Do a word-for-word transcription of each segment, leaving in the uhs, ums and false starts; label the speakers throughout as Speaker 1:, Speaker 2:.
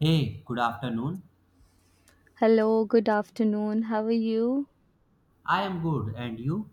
Speaker 1: Hey, good afternoon.
Speaker 2: Hello, good afternoon. How are you?
Speaker 1: I am good, and you?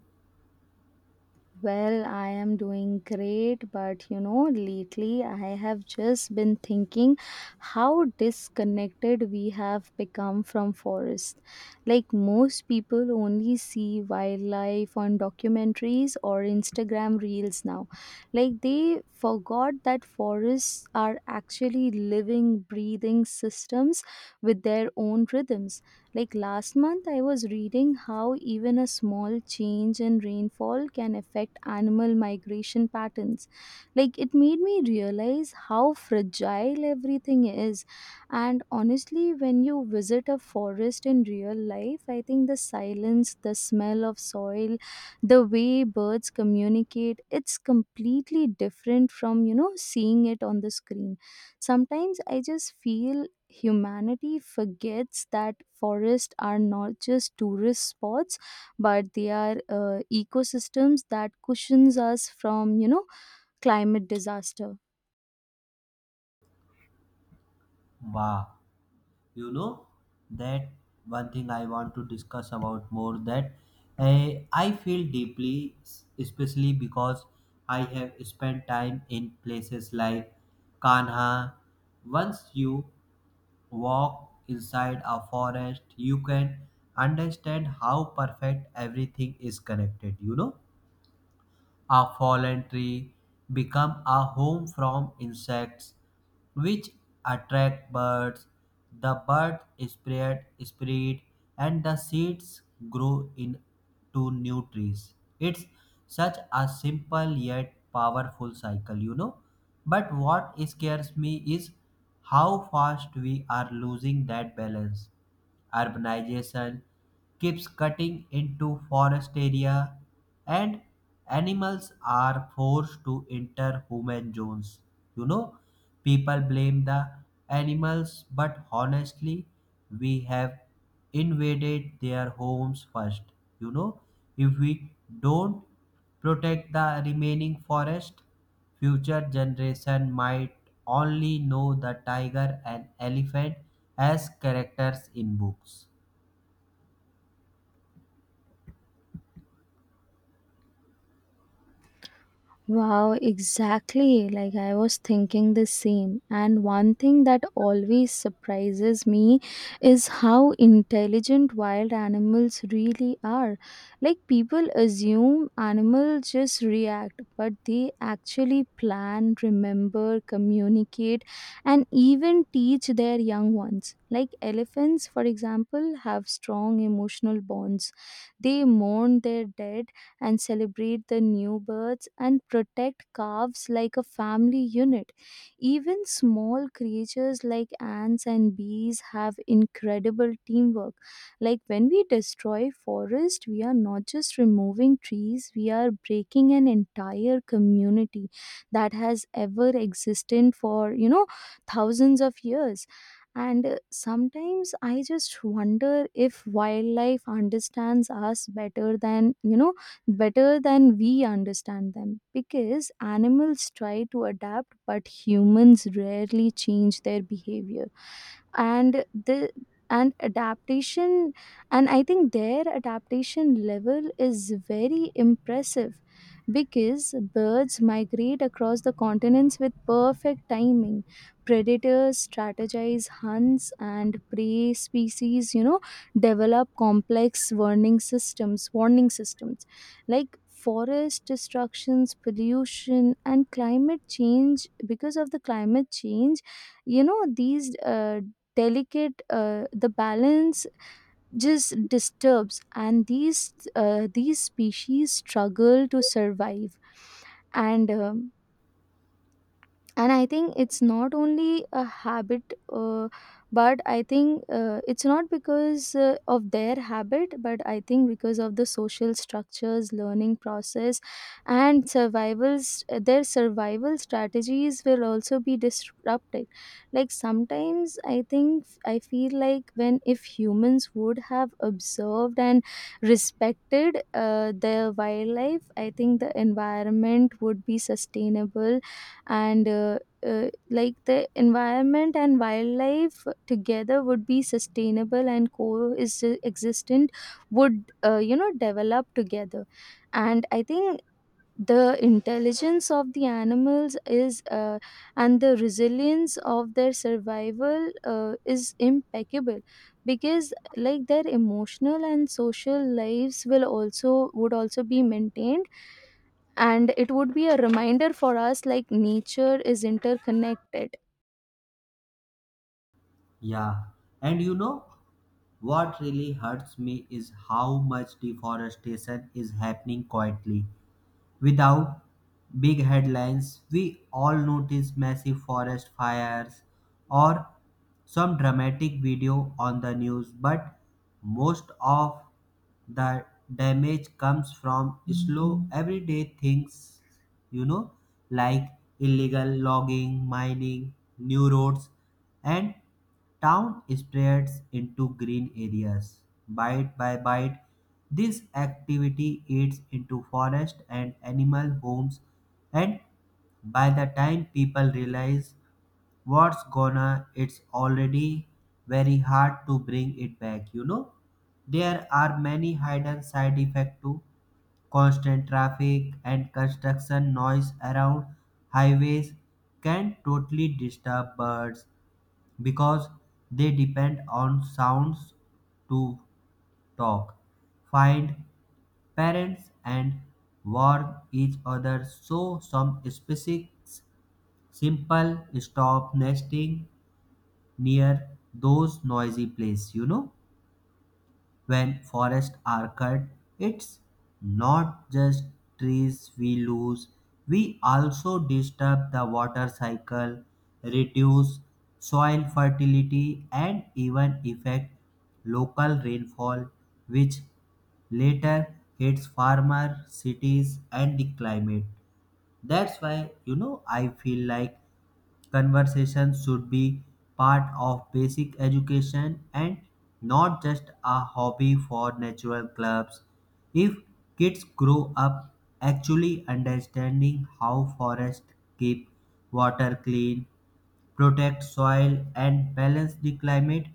Speaker 2: Well, I am doing great, but you know, lately I have just been thinking how disconnected we have become from forest. Like most people only see wildlife on documentaries or Instagram reels now. Like they forgot that forests are actually living, breathing systems with their own rhythms. Like last month, I was reading how even a small change in rainfall can affect animal migration patterns. Like it made me realize how fragile everything is. And honestly, when you visit a forest in real life, I think the silence, the smell of soil, the way birds communicate, it's completely different from, you know, seeing it on the screen. Sometimes I just feel humanity forgets that forests are not just tourist spots but they are uh, ecosystems that cushions us from you know climate disaster.
Speaker 1: Wow, you know that one thing I want to discuss about more that eh, I feel deeply, s- especially because I have spent time in places like Kanha. Once you walk inside a forest, you can understand how perfect everything is connected. You know a fallen tree become a home from insects which attract birds. The birds spread, spread, and the seeds grow into new trees. It's such a simple yet powerful cycle, you know. But what scares me is how fast we are losing that balance, urbanization keeps cutting into forest area and animals are forced to enter human zones, you know, people blame the animals but honestly we have invaded their homes first, you know, if we don't protect the remaining forest, future generation might only know the tiger and elephant as characters in books.
Speaker 2: Wow, exactly. Like I was thinking the same. And one thing that always surprises me is how intelligent wild animals really are. Like people assume animals just react, but they actually plan, remember, communicate, and even teach their young ones. Like elephants, for example, have strong emotional bonds. They mourn their dead and celebrate the new births and protect calves like a family unit. Even small creatures like ants and bees have incredible teamwork. Like when we destroy forest, we are not just removing trees, we are breaking an entire community that has ever existed for, you know, thousands of years. And uh, sometimes I just wonder if wildlife understands us better than, you know, better than we understand them, because animals try to adapt but humans rarely change their behavior and the and adaptation. And I think their adaptation level is very impressive because birds migrate across the continents with perfect timing, predators strategize hunts, and prey species, you know, develop complex warning systems warning systems Like forest destructions, pollution, and climate change. Because of the climate change, you know, these uh, delicate uh, the balance just disturbs and these uh, these species struggle to survive. And um and I think it's not only a habit, uh, but I think uh, it's not because uh, of their habit, but I think because of the social structures, learning process, and survivals their survival strategies will also be disrupted. Like sometimes I think, I feel like when, if humans would have observed and respected uh, their wildlife, I think the environment would be sustainable. And uh, uh, like the environment and wildlife together would be sustainable and co-existent, would uh, you know develop together. And I think the intelligence of the animals is uh, and the resilience of their survival uh, is impeccable because like their emotional and social lives will also, would also be maintained, and it would be a reminder for us, like nature is interconnected.
Speaker 1: Yeah, and you know what really hurts me is how much deforestation is happening quietly, without big headlines. We all notice massive forest fires or some dramatic video on the news, but most of the damage comes from slow everyday things, you know, like illegal logging, mining, new roads, and town spreads into green areas. Bite by bite, this activity eats into forest and animal homes, and by the time people realize what's gonna, it's already very hard to bring it back, you know. There are many hidden side effects too. Constant traffic and construction noise around highways can totally disturb birds because they depend on sounds to talk, find parents, and warn each other. So, some species simple stop nesting near those noisy places. You know, when forests are cut, it's not just trees we lose, we also disturb the water cycle, reduce soil fertility and even affect local rainfall, which later hits farmer cities and the climate. That's why, you know, I feel like conversation should be part of basic education and not just a hobby for natural clubs. If kids grow up actually understanding how forests keep water clean, protect soil, and balance the climate,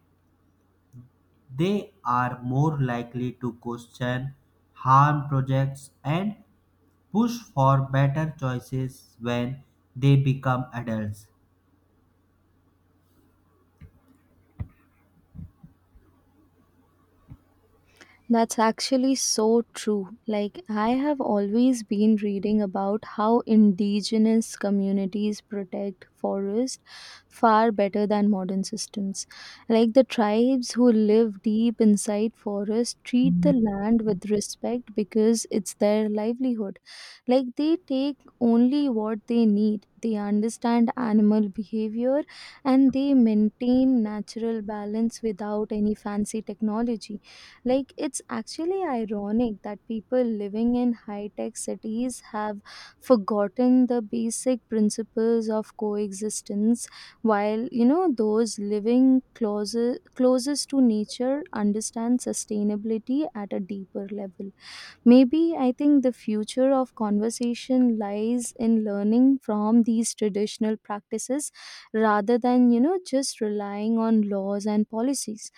Speaker 1: they are more likely to question harm projects and push for better choices when they become adults.
Speaker 2: That's actually so true. Like, I have always been reading about how indigenous communities protect forest far better than modern systems. Like, the tribes who live deep inside forest treat the land with respect because it's their livelihood. Like, they take only what they need, they understand animal behavior, and they maintain natural balance without any fancy technology. Like, it's actually ironic that people living in high tech cities have forgotten the basic principles of coexistence, while, you know, those living close, closest to nature understand sustainability at a deeper level. Maybe I think the future of conversation lies in learning from these traditional practices rather than, you know, just relying on laws and policies.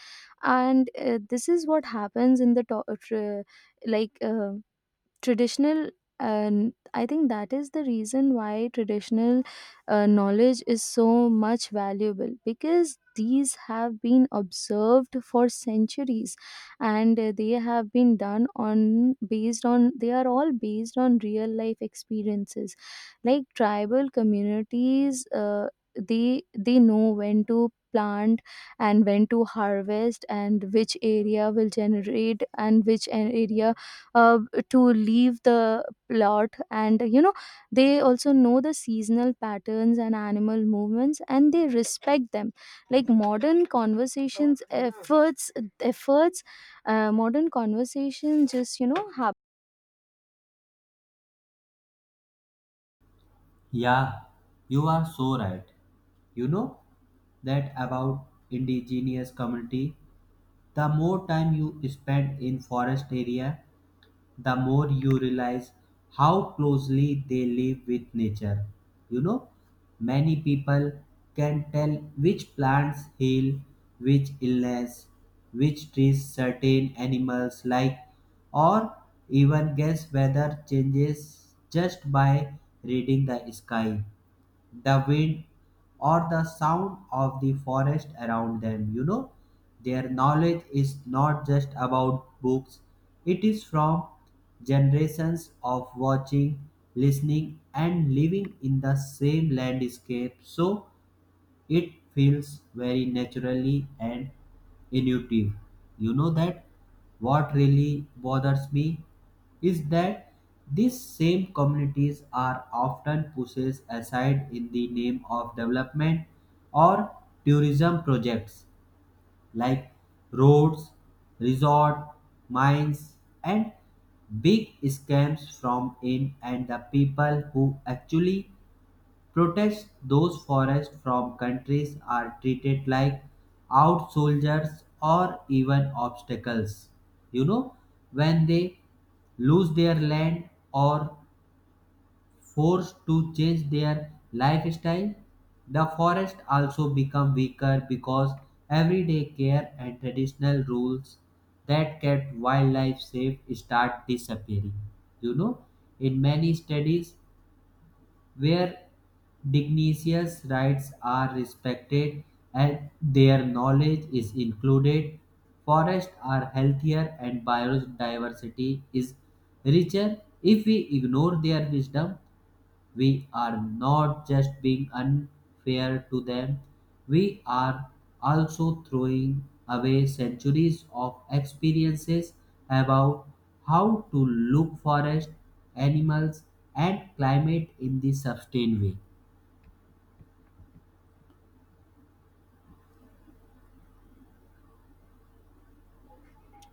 Speaker 2: And uh, this is what happens in the to- uh, like uh, traditional. And I think that is the reason why traditional uh, knowledge is so much valuable because these have been observed for centuries, and uh, they have been done on based on they are all based on real life experiences. Like tribal communities, uh, they they know when to plant and when to harvest, and which area will generate and which an area uh, to leave the plot. And you know, they also know the seasonal patterns and animal movements, and they respect them. Like modern conversations efforts efforts uh, modern conversation just, you know, happen.
Speaker 1: Yeah, you are so right. You know that about indigenous community, the more time you spend in forest area, the more you realize how closely they live with nature. You know, many people can tell which plants heal, which illness, which trees certain animals like, or even guess weather changes just by reading the sky, the wind, or the sound of the forest around them. You know, their knowledge is not just about books, it is from generations of watching, listening, and living in the same landscape. So, it feels very naturally and intuitive. You know that what really bothers me is that these same communities are often pushed aside in the name of development or tourism projects like roads, resort, mines, and big scams from in. And the people who actually protest those forests from countries are treated like out soldiers or even obstacles. You know, when they lose their land or forced to change their lifestyle, the forest also become weaker because everyday care and traditional rules that kept wildlife safe start disappearing. You know, in many studies, where dignitaries' rights are respected and their knowledge is included, forests are healthier and biodiversity is richer. If we ignore their wisdom, we are not just being unfair to them, we are also throwing away centuries of experiences about how to look forest, animals, and climate in the sustained way.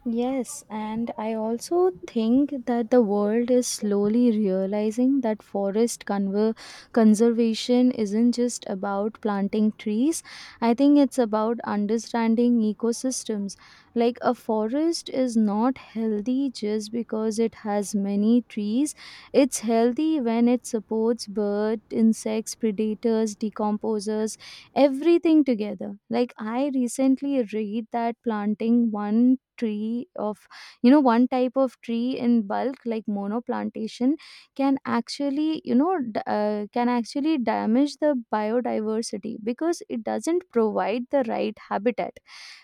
Speaker 2: Yes, and I also think that the world is slowly realizing that forest conver- conservation isn't just about planting trees. I think it's about understanding ecosystems. Like a forest is not healthy just because it has many trees. It's healthy when it supports birds, insects, predators, decomposers, everything together. Like I recently read that planting one tree of, you know, one type of tree in bulk like monoplantation can actually, you know, d- uh, can actually damage the biodiversity because it doesn't provide the right habitat,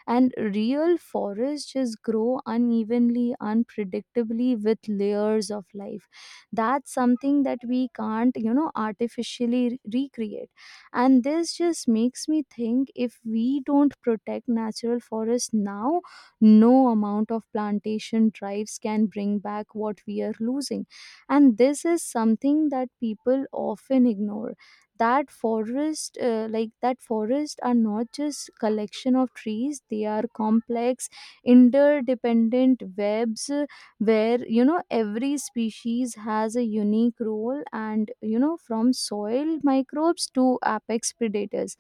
Speaker 2: and real forests just grow unevenly, unpredictably, with layers of life. That's something that we can't, you know, artificially re- recreate. And this just makes me think if we don't protect natural forests now, no amount of plantation drives can bring back what we are losing. And this is something that people often ignore, that forest uh, like that forest are not just collection of trees, they are complex interdependent webs, uh, where, you know, every species has a unique role, and you know, from soil microbes to apex predators.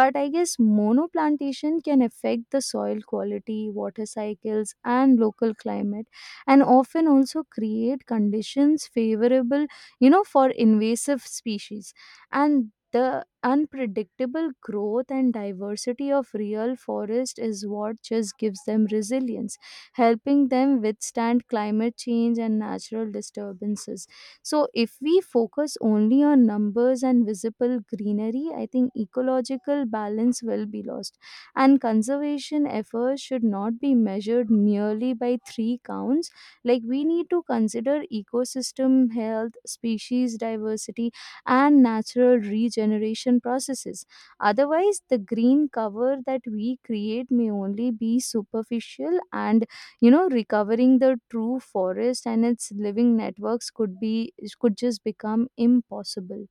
Speaker 2: But I guess monoplantation can affect the soil quality, water cycles, and local climate, and often also create conditions favorable, you know, for invasive species. And the unpredictable growth and diversity of real forest is what just gives them resilience, helping them withstand climate change and natural disturbances. So if we focus only on numbers and visible greenery, I think ecological balance will be lost, and conservation efforts should not be measured merely by three counts. Like we need to consider ecosystem health, species diversity, and natural regeneration processes. Otherwise, the green cover that we create may only be superficial, and you know, recovering the true forest and its living networks could be, could just become impossible.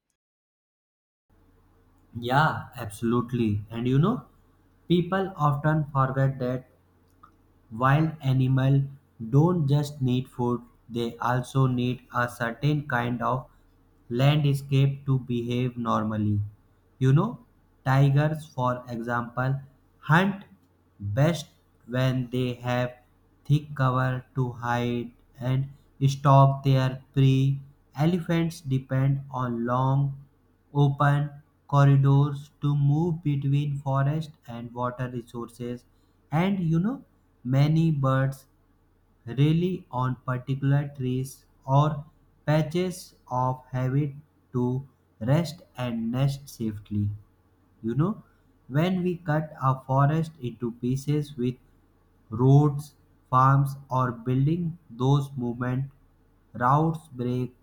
Speaker 1: Yeah, absolutely. And you know, people often forget that wild animals don't just need food, they also need a certain kind of landscape to behave normally. You know, tigers, for example, hunt best when they have thick cover to hide and stalk their prey. Elephants depend on long, open corridors to move between forest and water resources. And you know, many birds rely on particular trees or patches of habit to rest and nest safely. You know, when we cut a forest into pieces with roads, farms or building, those movement routes break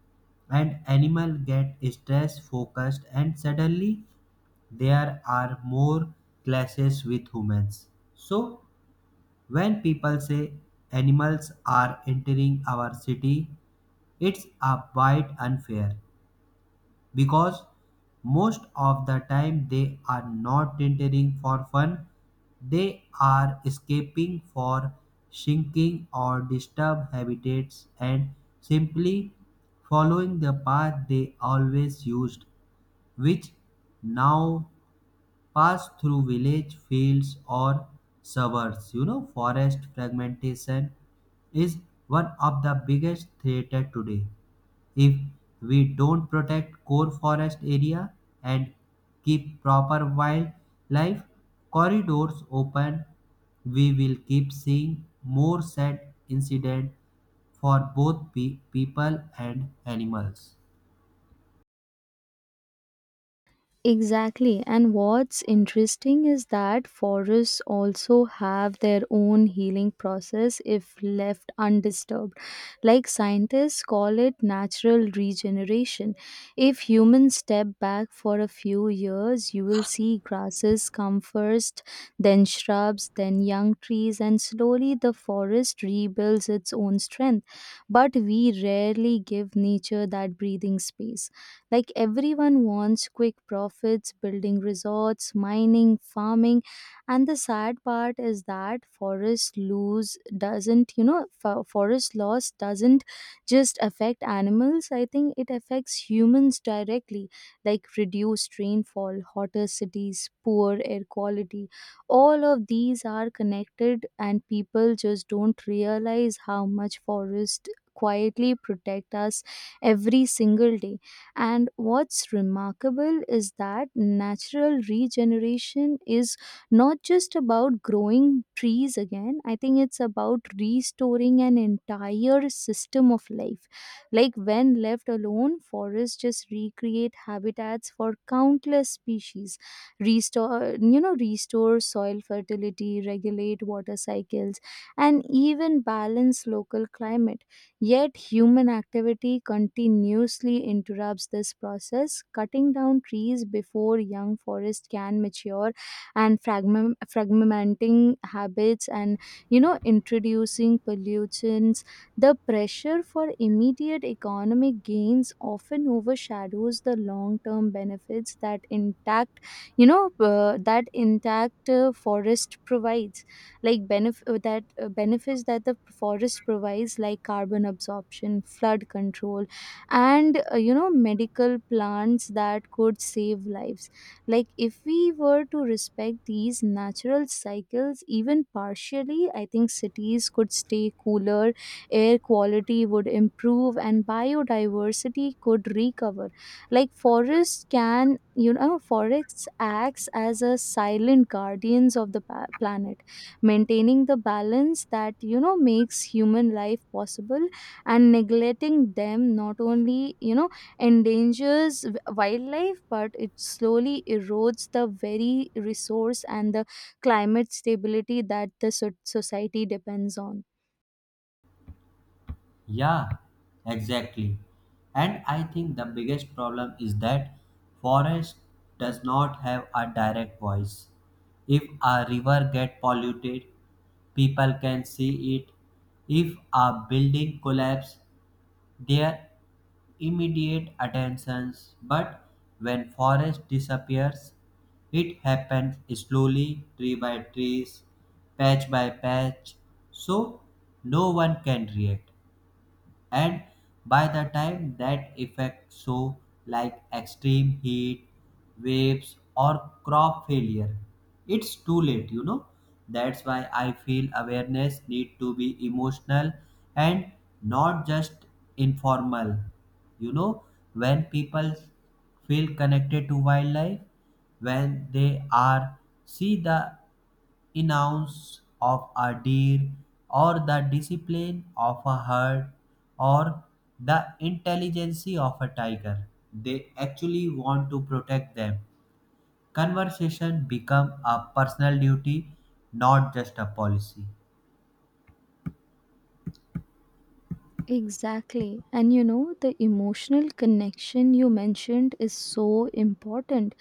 Speaker 1: and animal get stress focused and suddenly there are more clashes with humans. So when people say animals are entering our city, it's a bit unfair because most of the time they are not entering for fun, they are escaping for shrinking or disturbed habitats and simply following the path they always used, which now pass through village fields or suburbs. You know, forest fragmentation is one of the biggest threat today. If we don't protect core forest area and keep proper wildlife corridors open, we will keep seeing more sad incidents for both pe- people and animals.
Speaker 2: Exactly. And what's interesting is that forests also have their own healing process if left undisturbed. Like scientists call it natural regeneration. If humans step back for a few years, you will see grasses come first, then shrubs, then young trees, and slowly the forest rebuilds its own strength. But we rarely give nature that breathing space. Like everyone wants quick profits, building resorts, mining, farming, and the sad part is that forest lose doesn't, you know, fo- forest loss doesn't just affect animals. I think it affects humans directly, like reduced rainfall, hotter cities, poor air quality. All of these are connected, and people just don't realize how much forest quietly protect us every single day. And what's remarkable is that natural regeneration is not just about growing trees again. I think it's about restoring an entire system of life. Like when left alone, forests just recreate habitats for countless species, restore, you know, restore soil fertility, regulate water cycles, and even balance local climate. Yet, human activity continuously interrupts this process, cutting down trees before young forests can mature, and fragment, fragmenting habits, and you know, introducing pollutants. The pressure for immediate economic gains often overshadows the long-term benefits that intact you know uh, that intact uh, forest provides. Like benef- uh, that uh, benefits that the forest provides, like carbon absorption, flood control, and uh, you know, medical plants that could save lives. Like if we were to respect these natural cycles even partially, I think cities could stay cooler, air quality would improve, and biodiversity could recover. Like forests can you know forests acts as a silent guardians of the pa- planet, maintaining the balance that, you know, makes human life possible. And neglecting them not only, you know, endangers w- wildlife, but it slowly erodes the very resource and the climate stability that the so- society depends on.
Speaker 1: Yeah, exactly. And I think the biggest problem is that forest does not have a direct voice. If a river get polluted, people can see it. If a building collapses, their immediate attentions, but when forest disappears, it happens slowly, tree by trees, patch by patch, so no one can react, and by the time that effect so, like, extreme heat waves or crop failure, it's too late, you know. That's why I feel awareness need to be emotional and not just informal. You know, when people feel connected to wildlife, when they are see the denounce of a deer, or the discipline of a herd, or the intelligence of a tiger, they actually want to protect them. Conversation become a personal duty, not just a policy.
Speaker 2: Exactly. And you know, the emotional connection you mentioned is so important.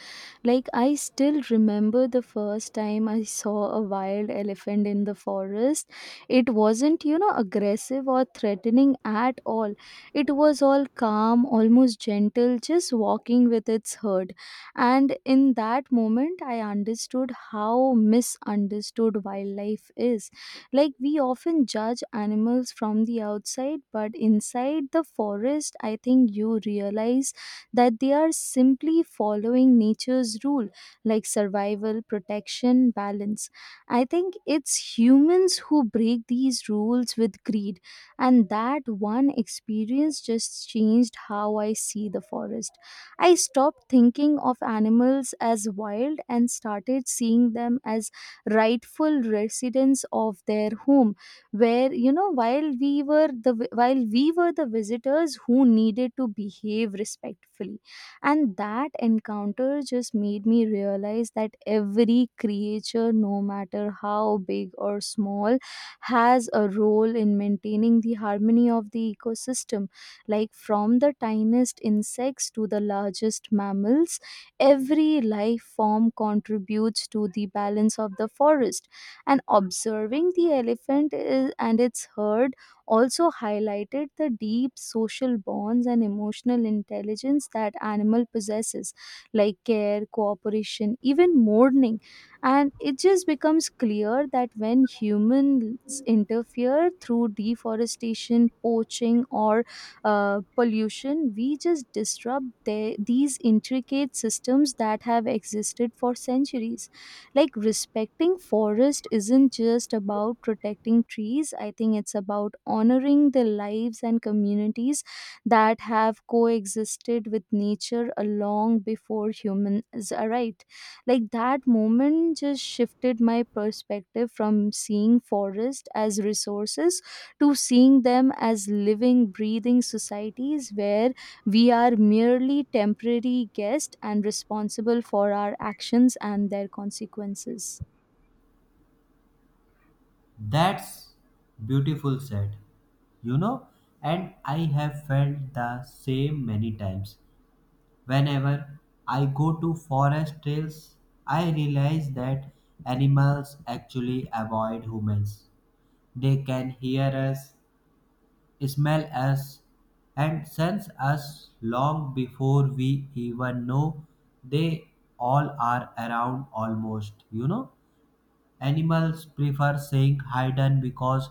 Speaker 2: Like, I still remember the first time I saw a wild elephant in the forest. It wasn't, you know, aggressive or threatening at all. It was all calm, almost gentle, just walking with its herd. And in that moment, I understood how misunderstood wildlife is. Like, we often judge animals from the outside, but inside the forest, I think you realize that they are simply following nature's rule, like survival, protection, balance. I think it's humans who break these rules with greed, and that one experience just changed how I see the forest. I stopped thinking of animals as wild and started seeing them as rightful residents of their home, where you know, while we were the vi- while we were the visitors who needed to behave respectfully. And that encounter just made me realize that every creature, no matter how big or small, has a role in maintaining the harmony of the ecosystem. Like from the tiniest insects to the largest mammals, every life form contributes to the balance of the forest. And observing the elephant is, and its herd also highlighted the deep social bonds and emotional intelligence that animal possesses, like care, cooperation, even mourning. And it just becomes clear that when humans interfere through deforestation, poaching, or uh, pollution, we just disrupt the, these intricate systems that have existed for centuries. Like respecting forest isn't just about protecting trees, I think it's about honoring the lives and communities that have coexisted with nature a long before humans arrived. Like that moment just shifted my perspective from seeing forest as resources to seeing them as living breathing societies where we are merely temporary guests and responsible for our actions and their consequences.
Speaker 1: That's beautiful said. You know, and I have felt the same many times. Whenever I go to forest trails, I realize that animals actually avoid humans. They can hear us, smell us, and sense us long before we even know they all are around almost, you know. Animals prefer saying hidden because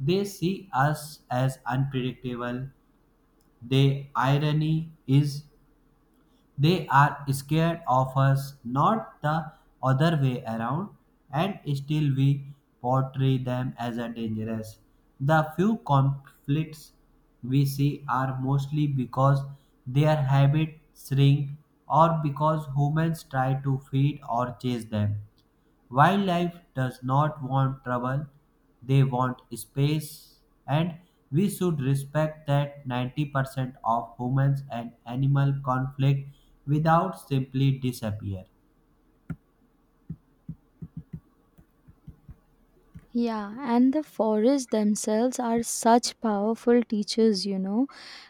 Speaker 1: they see us as unpredictable. The irony is they are scared of us, not the other way around, and still we portray them as a dangerous. The few conflicts we see are mostly because their habits shrink or because humans try to feed or chase them. Wildlife does not want trouble, they want space, and we should respect that. ninety percent of humans and animal conflict without simply disappear.
Speaker 2: Yeah, and the forests themselves are such powerful teachers, you know.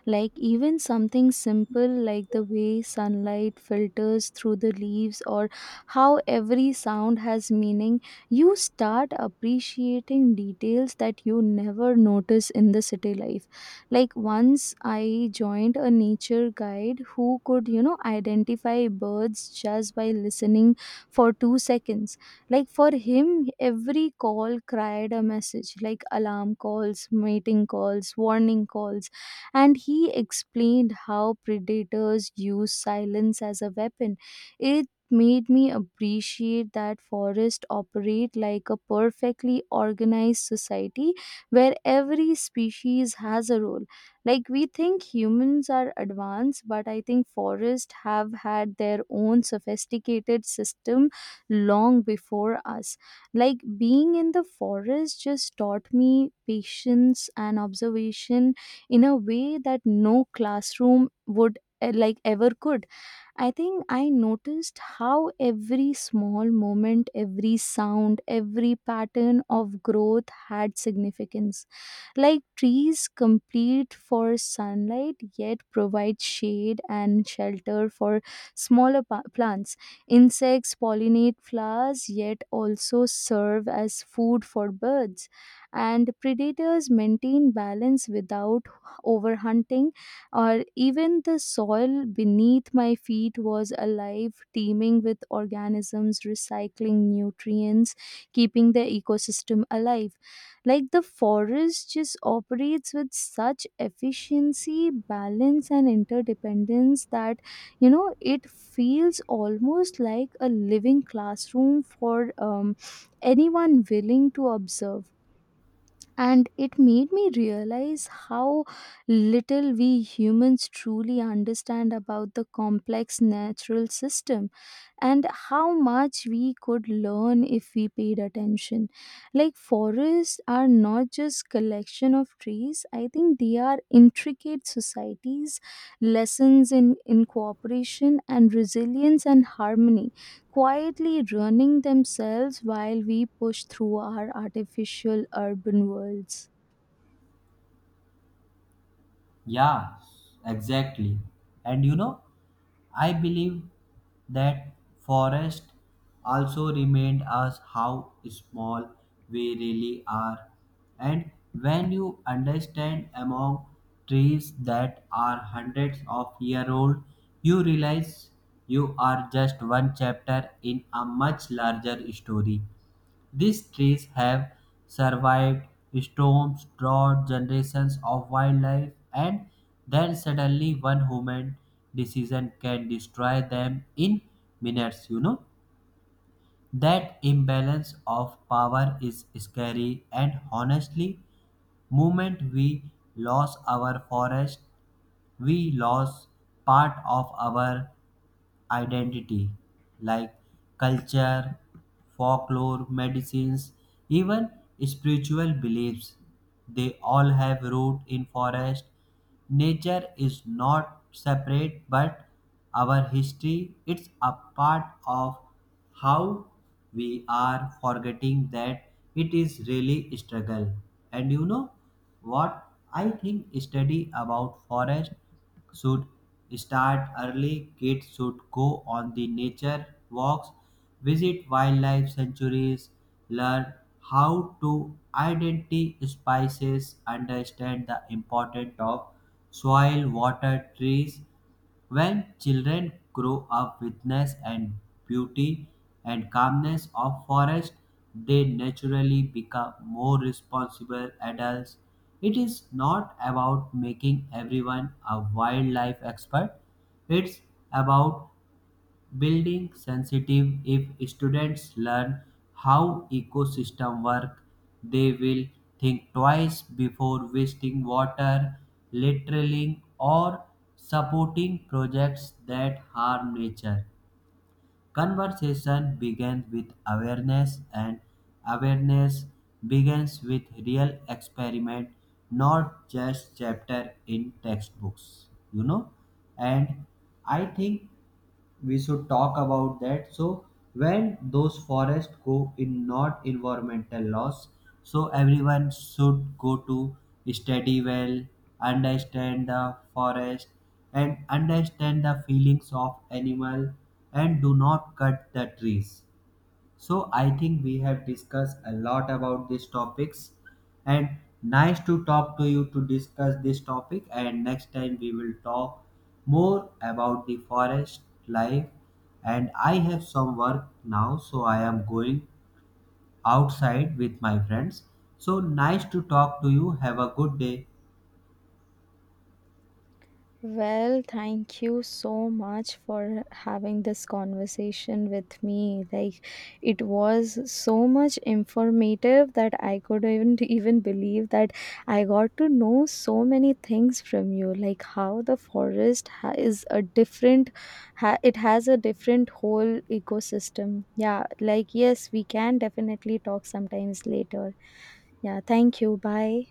Speaker 2: Like, even something simple like the way sunlight filters through the leaves or how every sound has meaning, you start appreciating details that you never notice in the city life. Like, once I joined a nature guide who could, you know, identify birds just by listening for two seconds. Like for him, every call cried a message, like alarm calls, mating calls, warning calls. And he explained how predators use silence as a weapon. It made me appreciate that forests operate like a perfectly organized society where every species has a role. Like we think humans are advanced, but I think forests have had their own sophisticated system long before us. Like being in the forest just taught me patience and observation in a way that no classroom would eh, like ever could. I think I noticed how every small moment, every sound, every pattern of growth had significance. Like trees complete for sunlight yet provide shade and shelter for smaller pa- plants. Insects pollinate flowers yet also serve as food for birds. And predators maintain balance without overhunting. Or even the soil beneath my feet was alive, teeming with organisms, recycling nutrients, keeping the ecosystem alive. Like the forest just operates with such efficiency, balance, and interdependence that, you know, it feels almost like a living classroom for um, anyone willing to observe. And it made me realize how little we humans truly understand about the complex natural system, and how much we could learn if we paid attention. Like forests are not just collection of trees, I think they are intricate societies, lessons in in cooperation and resilience and harmony, quietly running themselves while we push through our artificial urban worlds.
Speaker 1: Yeah, exactly. And you know, I believe that forest also remind us how small we really are. And when you understand among trees that are hundreds of year old, you realize you are just one chapter in a much larger story. These trees have survived storms, drought, generations of wildlife, and then suddenly one human decision can destroy them in minutes. You know, that imbalance of power is scary, and honestly, moment we lost our forest, we lost part of our identity like culture, folklore, medicines, even spiritual beliefs. They all have root in forest. Nature is not separate but our history, it's a part of how we are forgetting that. It is really struggle. And you know what, I think study about forest should start early. Kids should go on the nature walks, visit wildlife sanctuaries, learn how to identify species, understand the importance of soil, water, trees. When children grow up witness and beauty and calmness of forest, they naturally become more responsible adults. It is not about making everyone a wildlife expert. It's about building sensitive. If students learn how ecosystem work, they will think twice before wasting water, littering or supporting projects that harm nature. Conversation begins with awareness and awareness begins with real experiment, not just chapter in textbooks, you know. And I think we should talk about that. So when those forests go in, not environmental loss, so everyone should go to study well, understand the forest and understand the feelings of animal, and do not cut the trees. So I think we have discussed a lot about these topics, and nice to talk to you to discuss this topic, and next time we will talk more about the forest life. And I have some work now, so I am going outside with my friends. So nice to talk to you. Have a good day.
Speaker 2: Well, thank you so much for having this conversation with me. Like, it was so much informative that I couldn't even believe that I got to know so many things from you, like how the forest ha- is a different, ha- it has a different whole ecosystem. Yeah, like, yes, we can definitely talk sometimes later. Yeah, thank you. Bye.